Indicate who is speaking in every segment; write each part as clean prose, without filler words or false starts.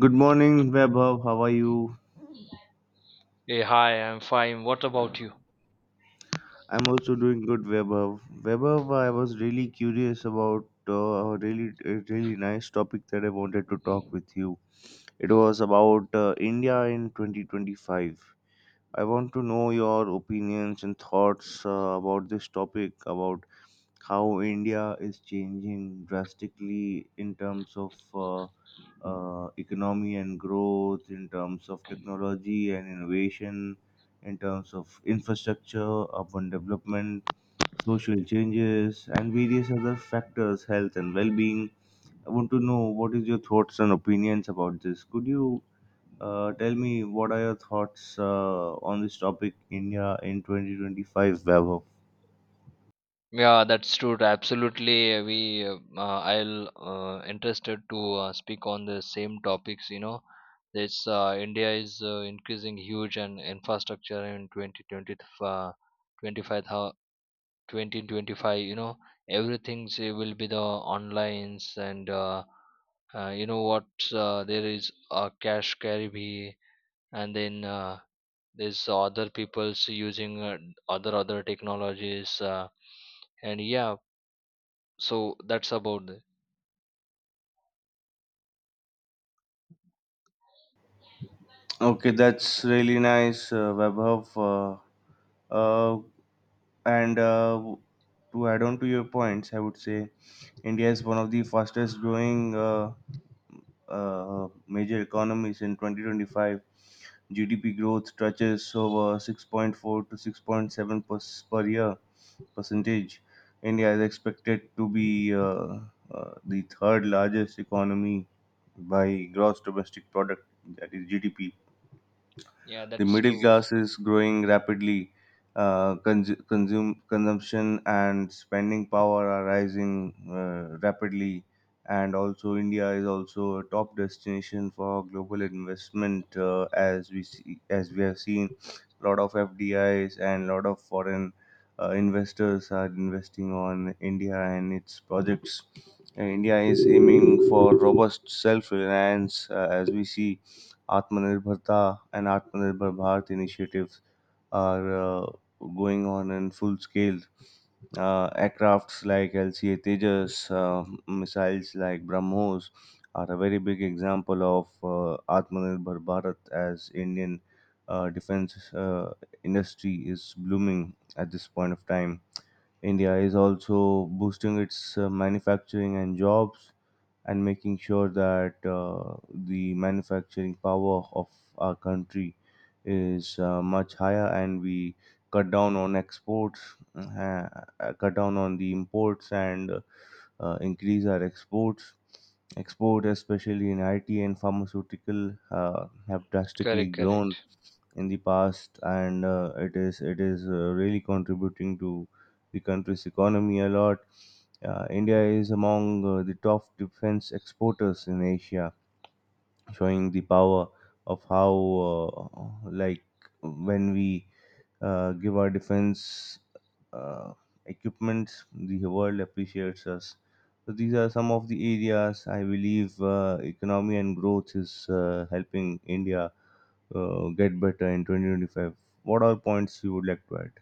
Speaker 1: Good morning, Vaibhav. How are you?
Speaker 2: Hey, hi, I'm fine. What about you?
Speaker 1: I'm also doing good, Vaibhav. Vaibhav, I was really curious about a really nice topic that I wanted to talk with you. It was about India in 2025. I want to know your opinions and thoughts about this topic, about how India is changing drastically in terms of economy and growth, in terms of technology and innovation, in terms of infrastructure, urban development, social changes, and various other factors, health and well being. I want to know what is your thoughts and opinions about this. Could you tell me what are your thoughts on this topic, India in 2025, Vaibhav?
Speaker 2: Yeah, that's true. Absolutely. We, I'll interested to speak on the same topics. You know, this India is increasing huge and infrastructure in 2020, uh, 25, thou- 2025. You know, everything will be the onlines and you know what there is a cash carry bhi and then there's other people's using uh, other technologies and yeah, so that's about it.
Speaker 1: Okay, that's really nice, Vaibhav. Uh, and to add on to your points, I would say India is one of the fastest growing major economies in 2025. GDP growth touches over 6.4 to 6.7 per year percentage. India is expected to be the third largest economy by gross domestic product, that is GDP.
Speaker 2: Yeah,
Speaker 1: The
Speaker 2: that's
Speaker 1: middle
Speaker 2: true.
Speaker 1: class is growing rapidly. Cons- consume consumption and spending power are rising rapidly, and also India is also a top destination for global investment. As we have seen, a lot of FDIs and a lot of foreign investors are investing on India and its projects. And India is aiming for robust self-reliance, as we see Atmanirbharta and Atmanirbhar Bharat initiatives are going on in full scale. Aircrafts like LCA Tejas, missiles like BrahMos are a very big example of Atmanirbhar Bharat as Indian defense industry is blooming at this point of time. India is also boosting its manufacturing and jobs and making sure that the manufacturing power of our country is much higher, and we cut down on exports, uh, cut down on the imports, and increase our exports export especially in IT and pharmaceutical have drastically
Speaker 2: Correct,
Speaker 1: grown
Speaker 2: correct.
Speaker 1: in the past. And it is really contributing to the country's economy a lot. India is among the top defense exporters in Asia, showing the power of how, like, when we give our defense uh, equipment, the world appreciates us. So these are some of the areas I believe economy and growth is helping India get better in 2025. What are points you would like to add?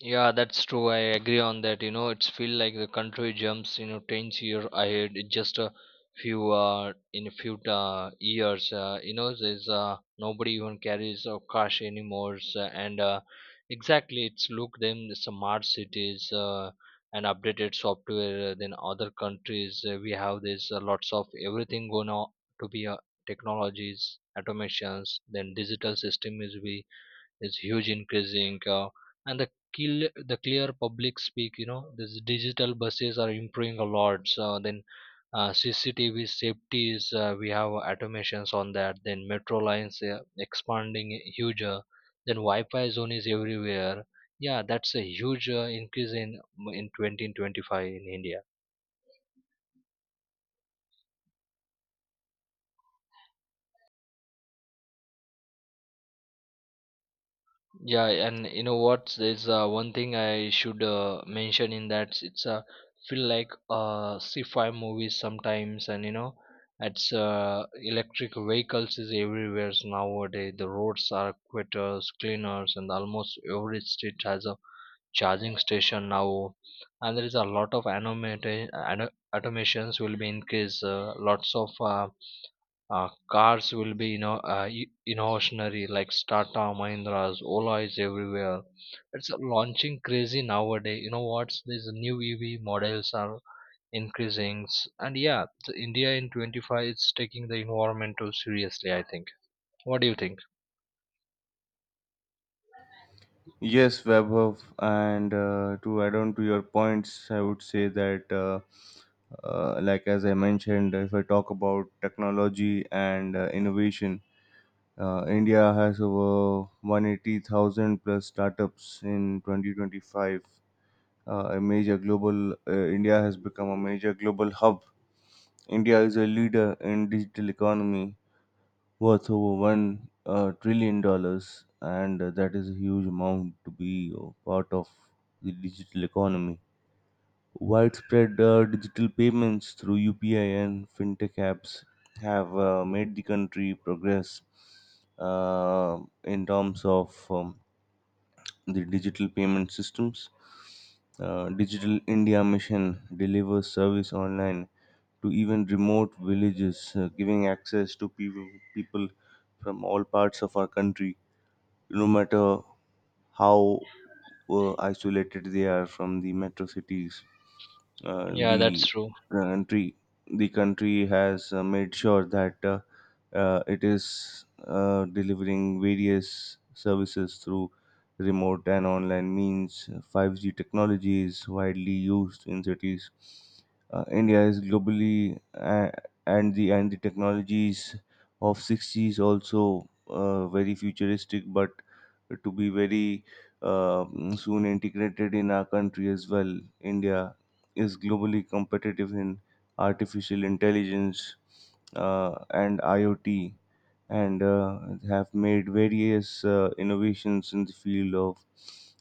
Speaker 2: Yeah, that's true. I agree on that. You know, it's feel like the country jumps, you know, 10-year ahead in just a few years. You know, there's nobody even carries a cash anymore. So, and exactly, it's look them the smart cities and updated software than other countries. We have this lots of everything going on to be technologies, automations, then digital system is we is huge increasing, and the kill the clear public speak, you know this digital buses are improving a lot. So then CCTV safety is we have automations on that, then metro lines expanding huger, then wi-fi zone is everywhere. Yeah, that's a huge increase in 2025 in India. Yeah, and you know what? There's one thing I should mention in that. It's feel like sci-fi movies sometimes, and you know, it's electric vehicles is everywhere nowadays. The roads are quicker, cleaners, and almost every street has a charging station now. And there is a lot of automations will be increased. Lots of cars will be, you know, innovationary like Tata, Mahindras, Ola is everywhere. It's launching crazy nowadays. You know what's these new EV models are increasing and yeah, the India in 25 is taking the environmental seriously, I think. What do you think?
Speaker 1: Yes, Vaibhav, and to add on to your points, I would say that. Like as I mentioned, if I talk about technology and innovation, India has over 180,000 plus startups in 2025. A major global India has become a major global hub. India is a leader in digital economy worth over one $1 trillion, and that is a huge amount to be part of the digital economy. Widespread digital payments through UPI and fintech apps have made the country progress in terms of the digital payment systems. Digital India Mission delivers service online to even remote villages, giving access to people from all parts of our country, no matter how isolated they are from the metro cities. uh,
Speaker 2: Yeah, that's
Speaker 1: the
Speaker 2: true.
Speaker 1: country the country has made sure that it is delivering various services through remote and online means. 5G technology is widely used in cities. India is globally and the technologies of 6G is also very futuristic, but to be very uh, soon integrated in our country as well. India is globally competitive in artificial intelligence and IoT, and have made various innovations in the field of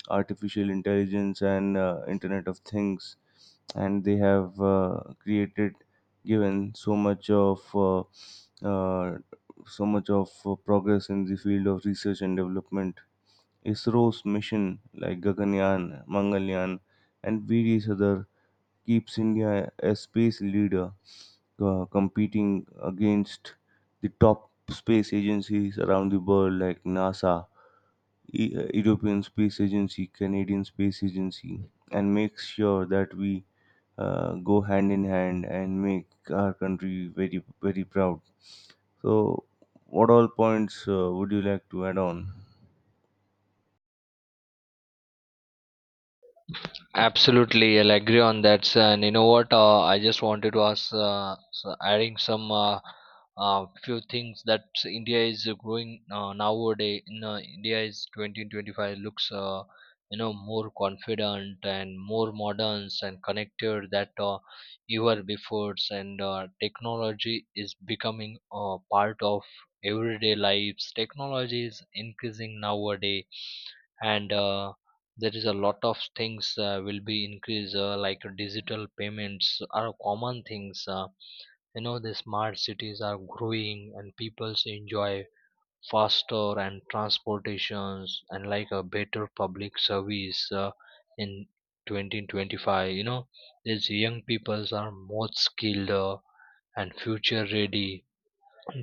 Speaker 1: artificial intelligence and Internet of Things, and they have created, given uh, so much of progress in the field of research and development. ISRO's mission, like Gaganyaan, Mangalyaan, and various other keeps India a space leader, competing against the top space agencies around the world like NASA, European Space Agency, Canadian Space Agency, and makes sure that we go hand in hand and make our country very, very proud. So, what all points would you like to add on?
Speaker 2: Absolutely, I'll agree on that, sir. And you know what? I just wanted to ask, so adding some few things that India is growing nowadays. In India is 2025 looks, you know, more confident and more modern and connected that ever before. And technology is becoming a part of everyday lives. Technology is increasing nowadays, and there is a lot of things will be increased, like digital payments are common things, you know. The smart cities are growing and people enjoy faster and transportations, and like a better public service in 2025. You know, these young peoples are more skilled and future ready.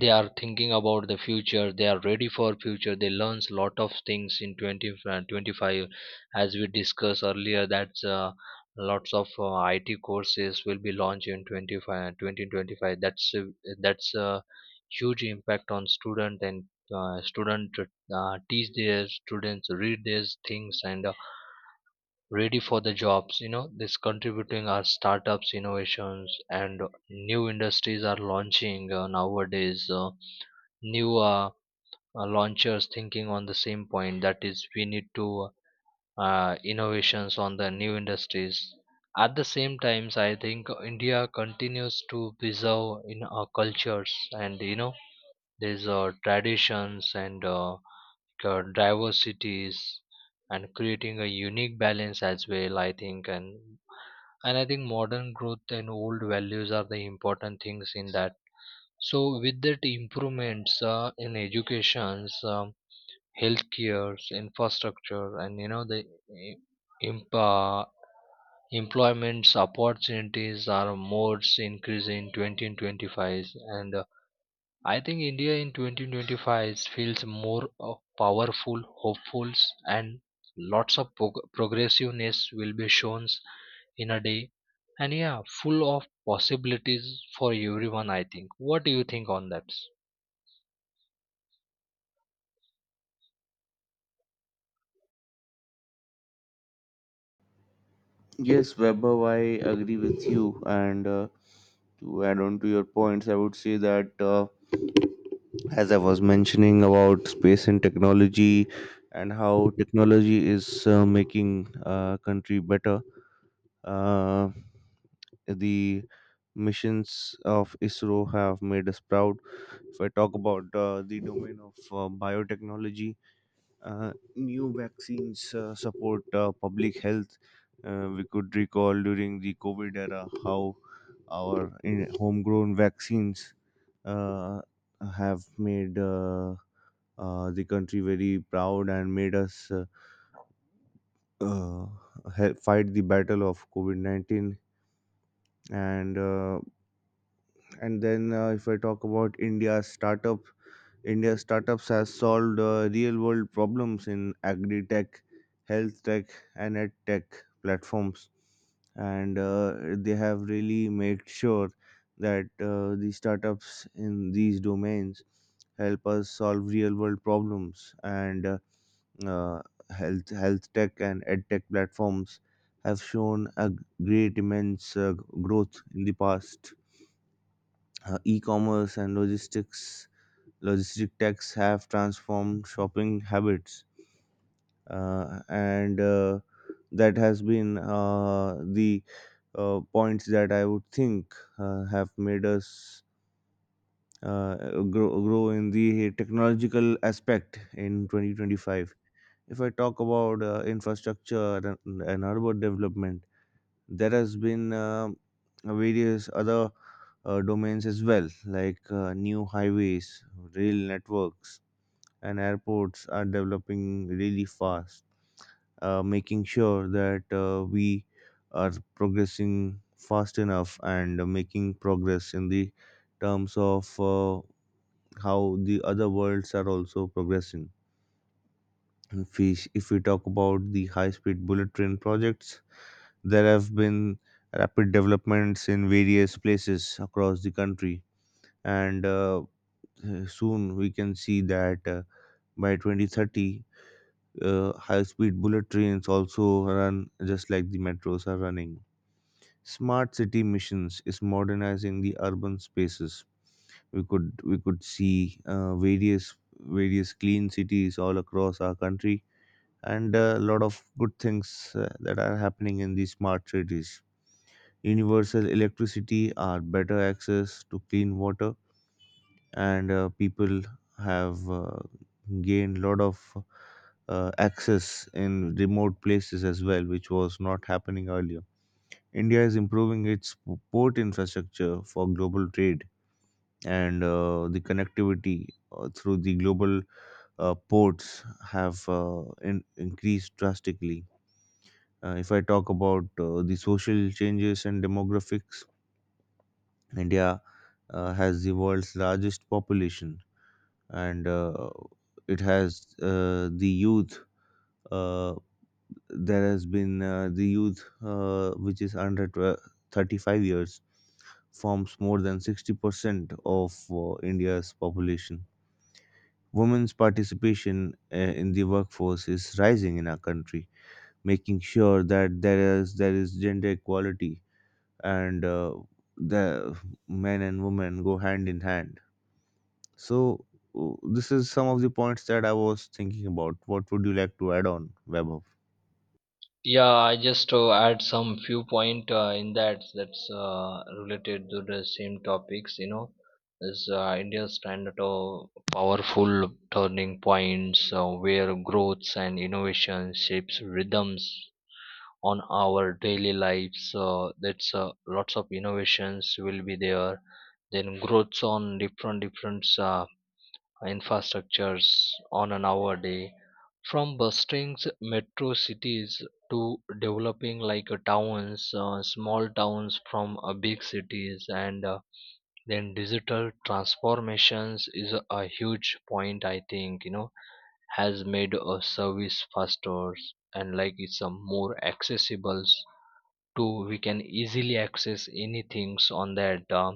Speaker 2: They are thinking about the future, they are ready for future. They learns lot of things in 20 uh, 25, as we discussed earlier. That's lots of IT courses will be launched in 25 2025. That's a huge impact on student teach their students, read their things, and ready for the jobs, you know. This contributing our startups, innovations, and new industries are launching nowadays. New launchers thinking on the same point, that is we need to innovations on the new industries. At the same times, I think India continues to preserve in our cultures, and you know, there's traditions and diversities, and creating a unique balance as well, I think. And I think modern growth and old values are the important things in that. So with that improvements in educations, healthcare, infrastructure, and you know, the em- uh, employment opportunities are more increasing in 2025. And I think India in 2025 feels more powerful, hopeful, and lots of progressiveness will be shown in a day. And yeah, full of possibilities for everyone, I think. What do you think on that?
Speaker 1: Yes, Webber, I agree with you. And to add on to your points, I would say that. As I was mentioning about space and technology and how technology is making a country better. Uh, the missions of ISRO have made us proud. If I talk about the domain of biotechnology, new vaccines support public health. We could recall during the COVID era how our homegrown vaccines uh, have made. The country very proud and made us uh, fight the battle of COVID 19. And uh, and then if I talk about India's startup, India's startups has solved real world problems in agri tech, health tech, and ed tech platforms, and they have really made sure that the startups in these domains help us solve real world problems, and uh, health tech and edtech platforms have shown a great immense growth in the past. E-commerce and logistics logistic techs have transformed shopping habits, and that has been the points that I would think have made us uh, grow in the technological aspect in 2025. If I talk about infrastructure and urban development, there has been various other domains as well, like new highways, rail networks, and airports are developing really fast, making sure that we are progressing fast enough and making progress in the terms of uh, how the other worlds are also progressing. Fish If we talk about the high speed bullet train projects, there have been rapid developments in various places across the country, and soon we can see that by 2030 high speed bullet trains also run just like the metros are running. Smart city missions is modernizing the urban spaces. We could see uh, various various clean cities all across our country, and a lot of good things that are happening in these smart cities. Universal electricity are better access to clean water, and people have gained lot of access in remote places as well, which was not happening earlier. India is improving its port infrastructure for global trade, and the connectivity through the global ports have increased drastically. If I talk about the social changes and demographics, India has the world's largest population, and it has the youth. Uh, there has been the youth, which is under 12 35 years, forms more than 60% of India's population. Women's participation in the workforce is rising in our country, making sure that there is gender equality, and the men and women go hand in hand. So this is some of the points that I was thinking about. What would you like to add on, Vaibhav?
Speaker 2: Yeah, I just add some few point in that, that's related to the same topics. You know, is India's standard of powerful turning points where growths and innovation shapes rhythms on our daily lives. That's Lots of innovations will be there. Then growths on different different infrastructures on an hour day, from bustling metro cities to developing like towns, small towns, from big cities. And Then digital transformations is a huge point, I think. You know, has made a service faster and like it's a more accessible. To we can easily access anything on that,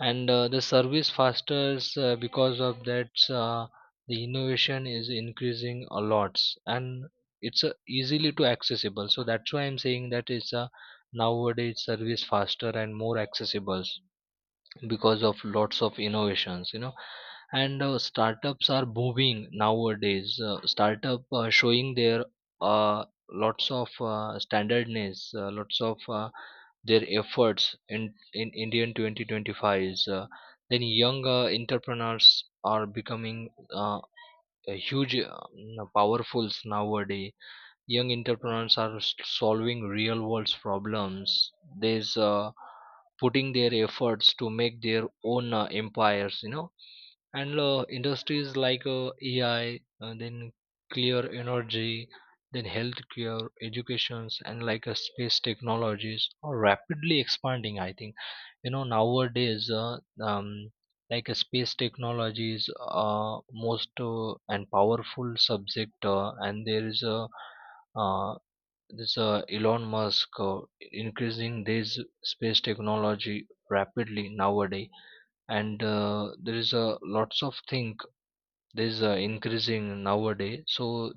Speaker 2: and the service fasters because of that, the innovation is increasing a lot, and it's easily to accessible. So that's why I'm saying that it's a nowadays service faster and more accessible because of lots of innovations, you know. And Startups are booming nowadays. Startup showing their uh, lots of standardness, lots of their efforts in Indian 2025 is then young entrepreneurs are becoming a huge powerfuls nowadays. Young entrepreneurs are solving real world problems. There's putting their efforts to make their own empires, you know. And industries like AI, then clear energy, then healthcare, educations, and like space technologies are rapidly expanding, I think. You know nowadays, like space technologies are most and powerful subject, and there is a uh, this Elon Musk increasing this space technology rapidly nowadays. And there is a lots of things, this is increasing nowadays. So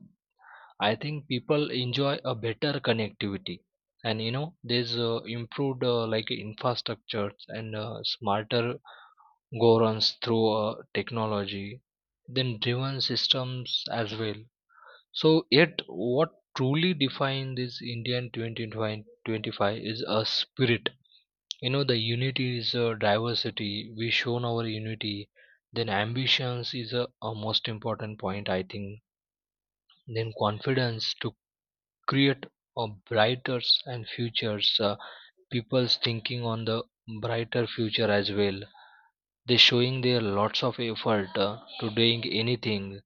Speaker 2: I think people enjoy a better connectivity, and you know, there's improved like infrastructures and smarter governance through technology, then driven systems as well. So yet, what truly defines this Indian 2025 is a spirit. You know, the unity is a diversity. We shown our unity. Then ambitions is a most important point, I think. Then confidence to create a brighter and futures, people's thinking on the brighter future as well. They showing their lots of effort to doing anything.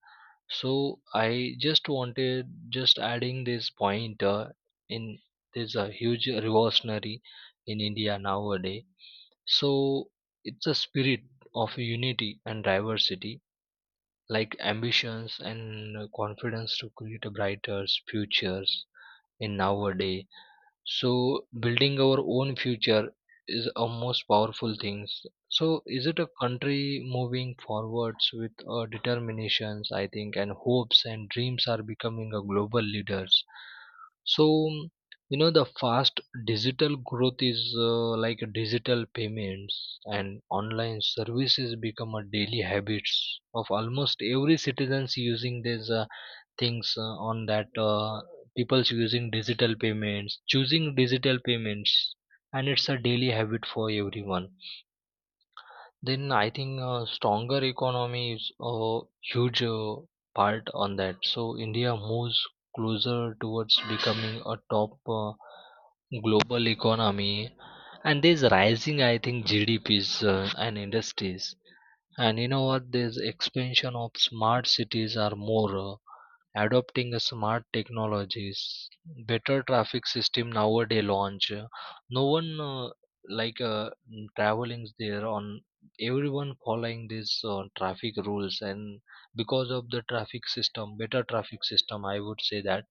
Speaker 2: So I just wanted just adding this point in there's a huge revolutionary in India nowadays. So it's a spirit of unity and diversity, like ambitions and confidence to create a brighter futures in nowadays. So building our own future is a most powerful things. So is it a country moving forwards with determinations, I think, and hopes and dreams are becoming a global leaders. So you know, the fast digital growth is like digital payments and online services become a daily habits of almost every citizens using this things on that, people's using digital payments, choosing digital payments, and it's a daily habit for everyone. Then I think stronger economy is a huge part on that. So India moves closer towards becoming a top global economy, and there's rising, I think, GDPs and industries. And you know what? There's expansion of smart cities are more adopting a smart technologies, better traffic system nowadays. Launch no one like traveling there on everyone following these traffic rules, and because of the traffic system, better traffic system, I would say that.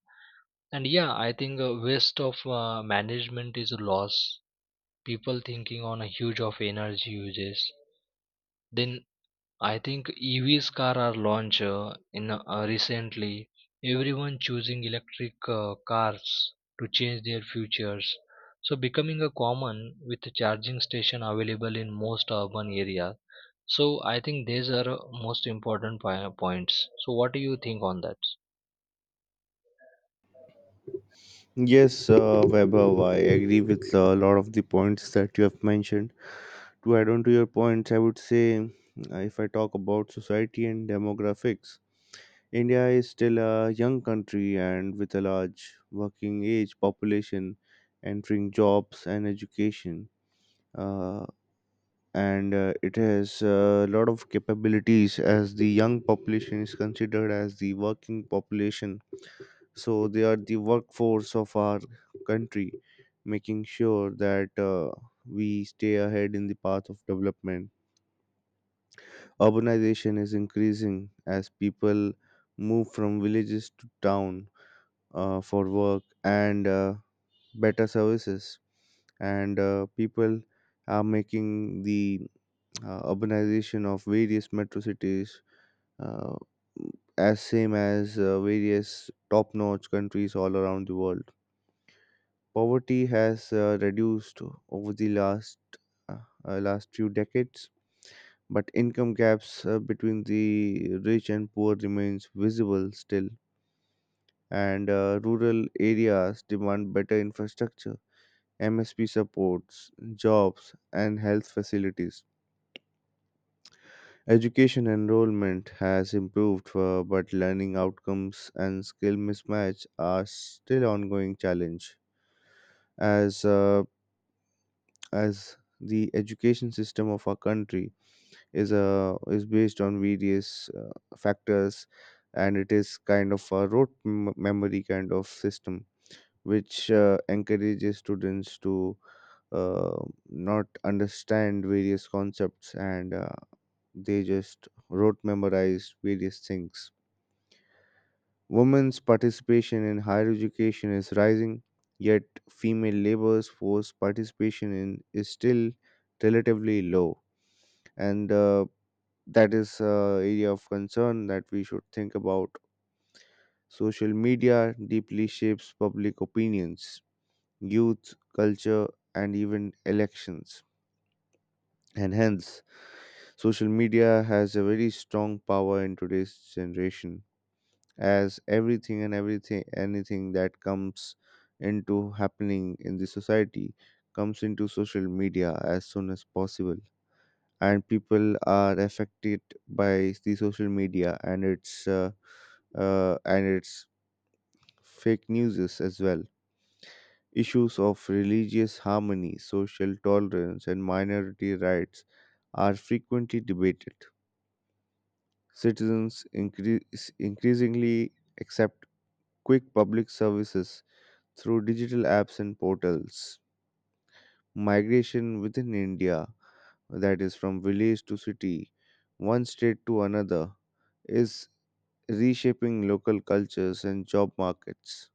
Speaker 2: And yeah, I think waste of management is a loss. People thinking on a huge of energy uses. Then I think EVs car are launched in recently. Everyone choosing electric cars to change their futures. So becoming a common with the charging station available in most urban areas. So I think these are most important points. So what do you think on that?
Speaker 1: Yes, Vaibhav, I agree with a lot of the points that you have mentioned. To add on to your points, I would say if I talk about society and demographics, India is still a young country and with a large working age population entering jobs and education. Uh, and it has a lot of capabilities as the young population is considered as the working population, so they are the workforce of our country, making sure that we stay ahead in the path of development. Urbanization is increasing as people move from villages to town for work and better services, and people are making the urbanization of various metro cities, uh, as same as various top-notch countries all around the world. Poverty has reduced over the uh, last few decades, but income gaps between the rich and poor remains visible still. And rural areas demand better infrastructure, MSP supports, jobs, and health facilities. Education enrollment has improved, but learning outcomes and skill mismatch are still ongoing challenge. As uh, as the education system of our country is based on various factors, and it is kind of a rote memory kind of system which encourages students to uh, not understand various concepts, and they just rote memorize various things. Women's participation in higher education is rising, yet female labor's force participation in is still relatively low, and that is area of concern that we should think about. Social media deeply shapes public opinions youth, culture, and even elections. And hence, social media has a very strong power in today's generation, as everything and everything anything that comes into happening in the society comes into social media as soon as possible, and people are affected by the social media and its fake news as well. Issues of religious harmony, social tolerance, and minority rights are frequently debated. Citizens increasingly accept quick public services through digital apps and portals. Migration within India, that is, from village to city, one state to another, is reshaping local cultures and job markets,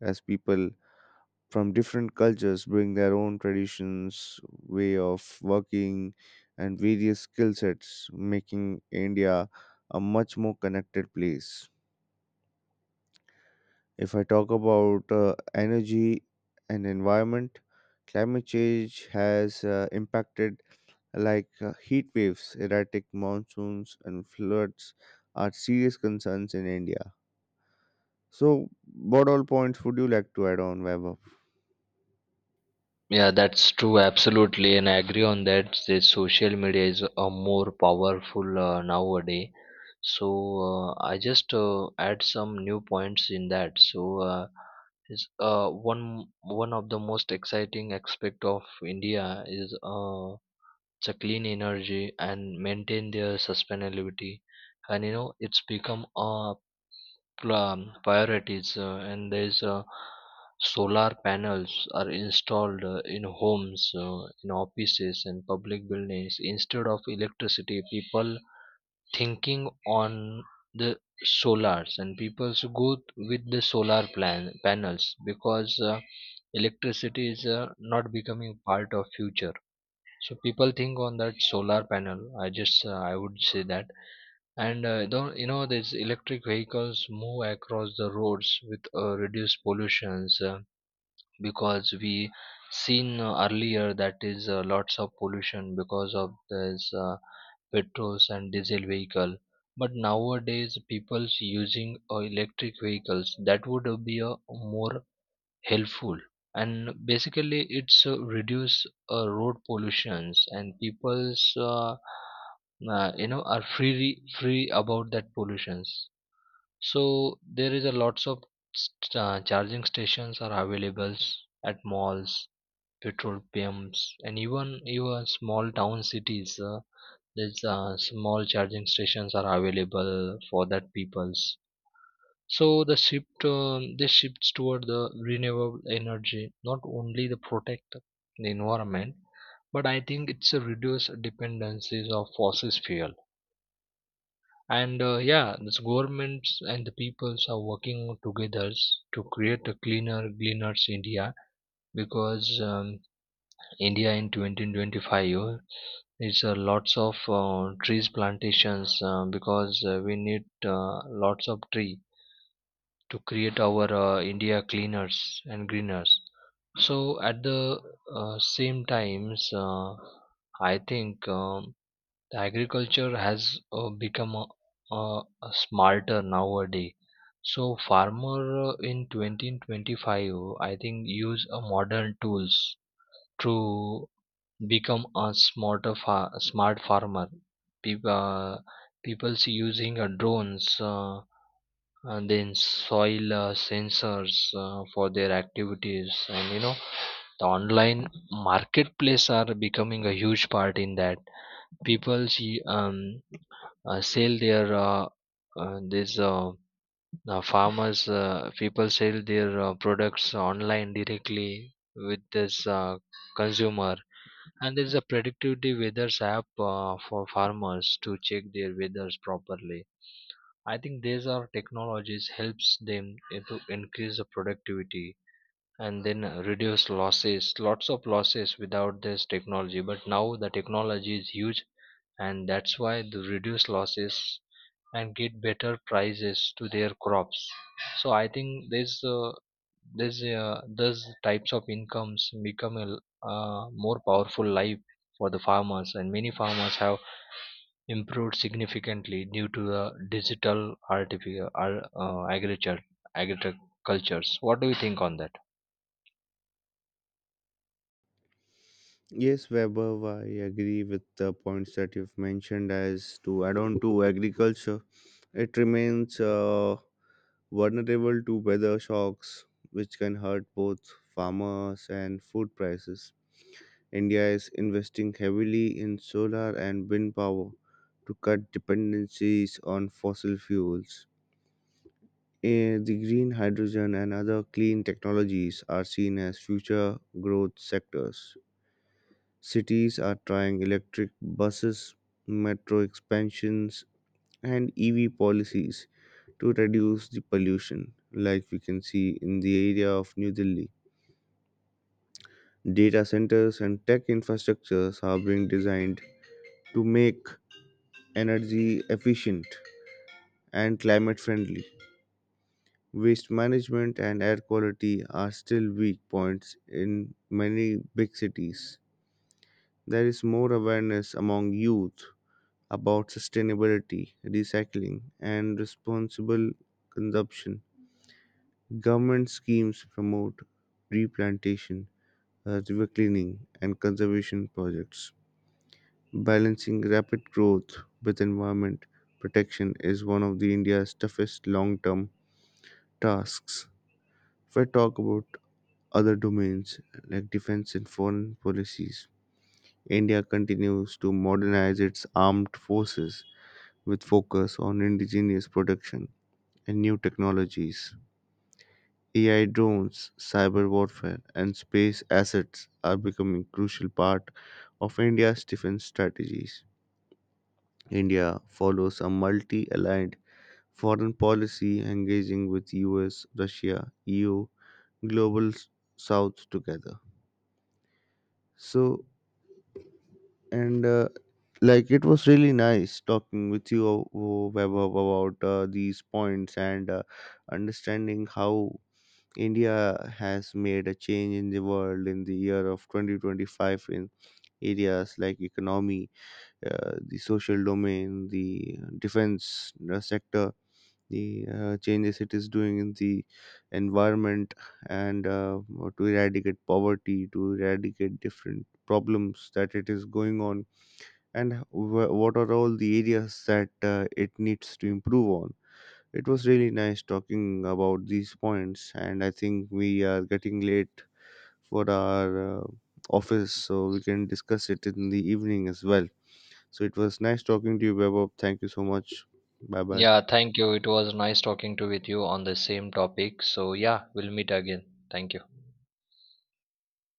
Speaker 1: as people from different cultures bring their own traditions, way of working, and various skill sets, making India a much more connected place. If I talk about energy and environment, climate change has impacted like heat waves, erratic monsoons, and floods are serious concerns in India. So, what all points would you like to add on, Vaibhav?
Speaker 2: Yeah, that's true, absolutely, and I agree on that. The social media is a more powerful nowadays. So I just add some new points in that. So is one of the most exciting aspect of India is it's a clean energy and maintain their sustainability, and you know it's become a priorities. Uh, and there's solar panels are installed in homes, in offices and public buildings. Instead of electricity, people thinking on the solars, and people go with the solar plan panels because electricity is not becoming part of future. So people think on that solar panel, I would say that. And don't, you know, these electric vehicles move across the roads with reduced pollutions, because we seen earlier that is lots of pollution because of this petrols and diesel vehicle. But nowadays, people's using electric vehicles that would be a more helpful, and basically it's reduce road pollutions, and people's, you know, are free about that pollutions. So there is a lots of charging stations are available at malls, petrol pumps, and even small town cities. There's small charging stations are available for that peoples. So the shift, this shifts toward the renewable energy, not only the protect the environment, but I think it's a reduce dependencies of fossil fuel. And yeah, this governments and the peoples are working together to create a cleaner, greener India. Because India in 2025 is lots of trees plantations, because we need lots of tree to create our India cleaners and greeners. So at the same times, I think the agriculture has become a smarter nowadays. So farmer in 2025, I think, use a modern tools to become a smart farmer. People, uh, People's using drones, and then soil sensors for their activities. And you know, the online marketplace are becoming a huge part in that. People see, sell their these Farmers people sell their products online directly with this consumer. And there is a predictive weathers app for farmers to check their weathers properly. I think these are technologies helps them to increase the productivity, and then reduce losses, lots of losses without this technology. But now the technology is huge, and that's why they reduce losses and get better prices to their crops. So I think this this those types of incomes become a more powerful life for the farmers, and many farmers have improved significantly due to the digital artificial agricultures. What do you think on that?
Speaker 1: Yes, Webber, I agree with the points that you've mentioned. As to add on to agriculture, it remains vulnerable to weather shocks, which can hurt both farmers and food prices. India is investing heavily in solar and wind power to cut dependencies on fossil fuels. The green hydrogen and other clean technologies are seen as future growth sectors. Cities are trying electric buses, metro expansions, and EV policies to reduce the pollution, like we can see in the area of New Delhi. Data centers and tech infrastructures are being designed to make energy efficient and climate friendly. Waste management and air quality are still weak points in many big cities. There is more awareness among youth about sustainability, recycling, and responsible consumption. Government schemes promote replantation, river cleaning, and conservation projects. Balancing rapid growth with environment protection is one of the India's toughest long-term tasks. If I talk about other domains like defense and foreign policies, India continues to modernize its armed forces with focus on indigenous production and new technologies. AI drones, cyber warfare, and space assets are becoming crucial part of India's defense strategies. India follows a multi-aligned foreign policy engaging with US, Russia, EU, global s- south together. So and like it was really nice talking with you Vaibhav, about these points and understanding how India has made a change in the world in the year of 2025 in areas like economy, the social domain, the defense sector, the changes it is doing in the environment, and to eradicate poverty, to eradicate different problems that it is going on, and what are all the areas that it needs to improve on. It was really nice talking about these points, and I think we are getting late for our uh, office, so we can discuss it in the evening as well. So it was nice talking to you, Bebop. Thank you so much. Bye bye.
Speaker 2: Yeah, thank you. It was nice talking to with you on the same topic. So yeah, we'll meet again. Thank you.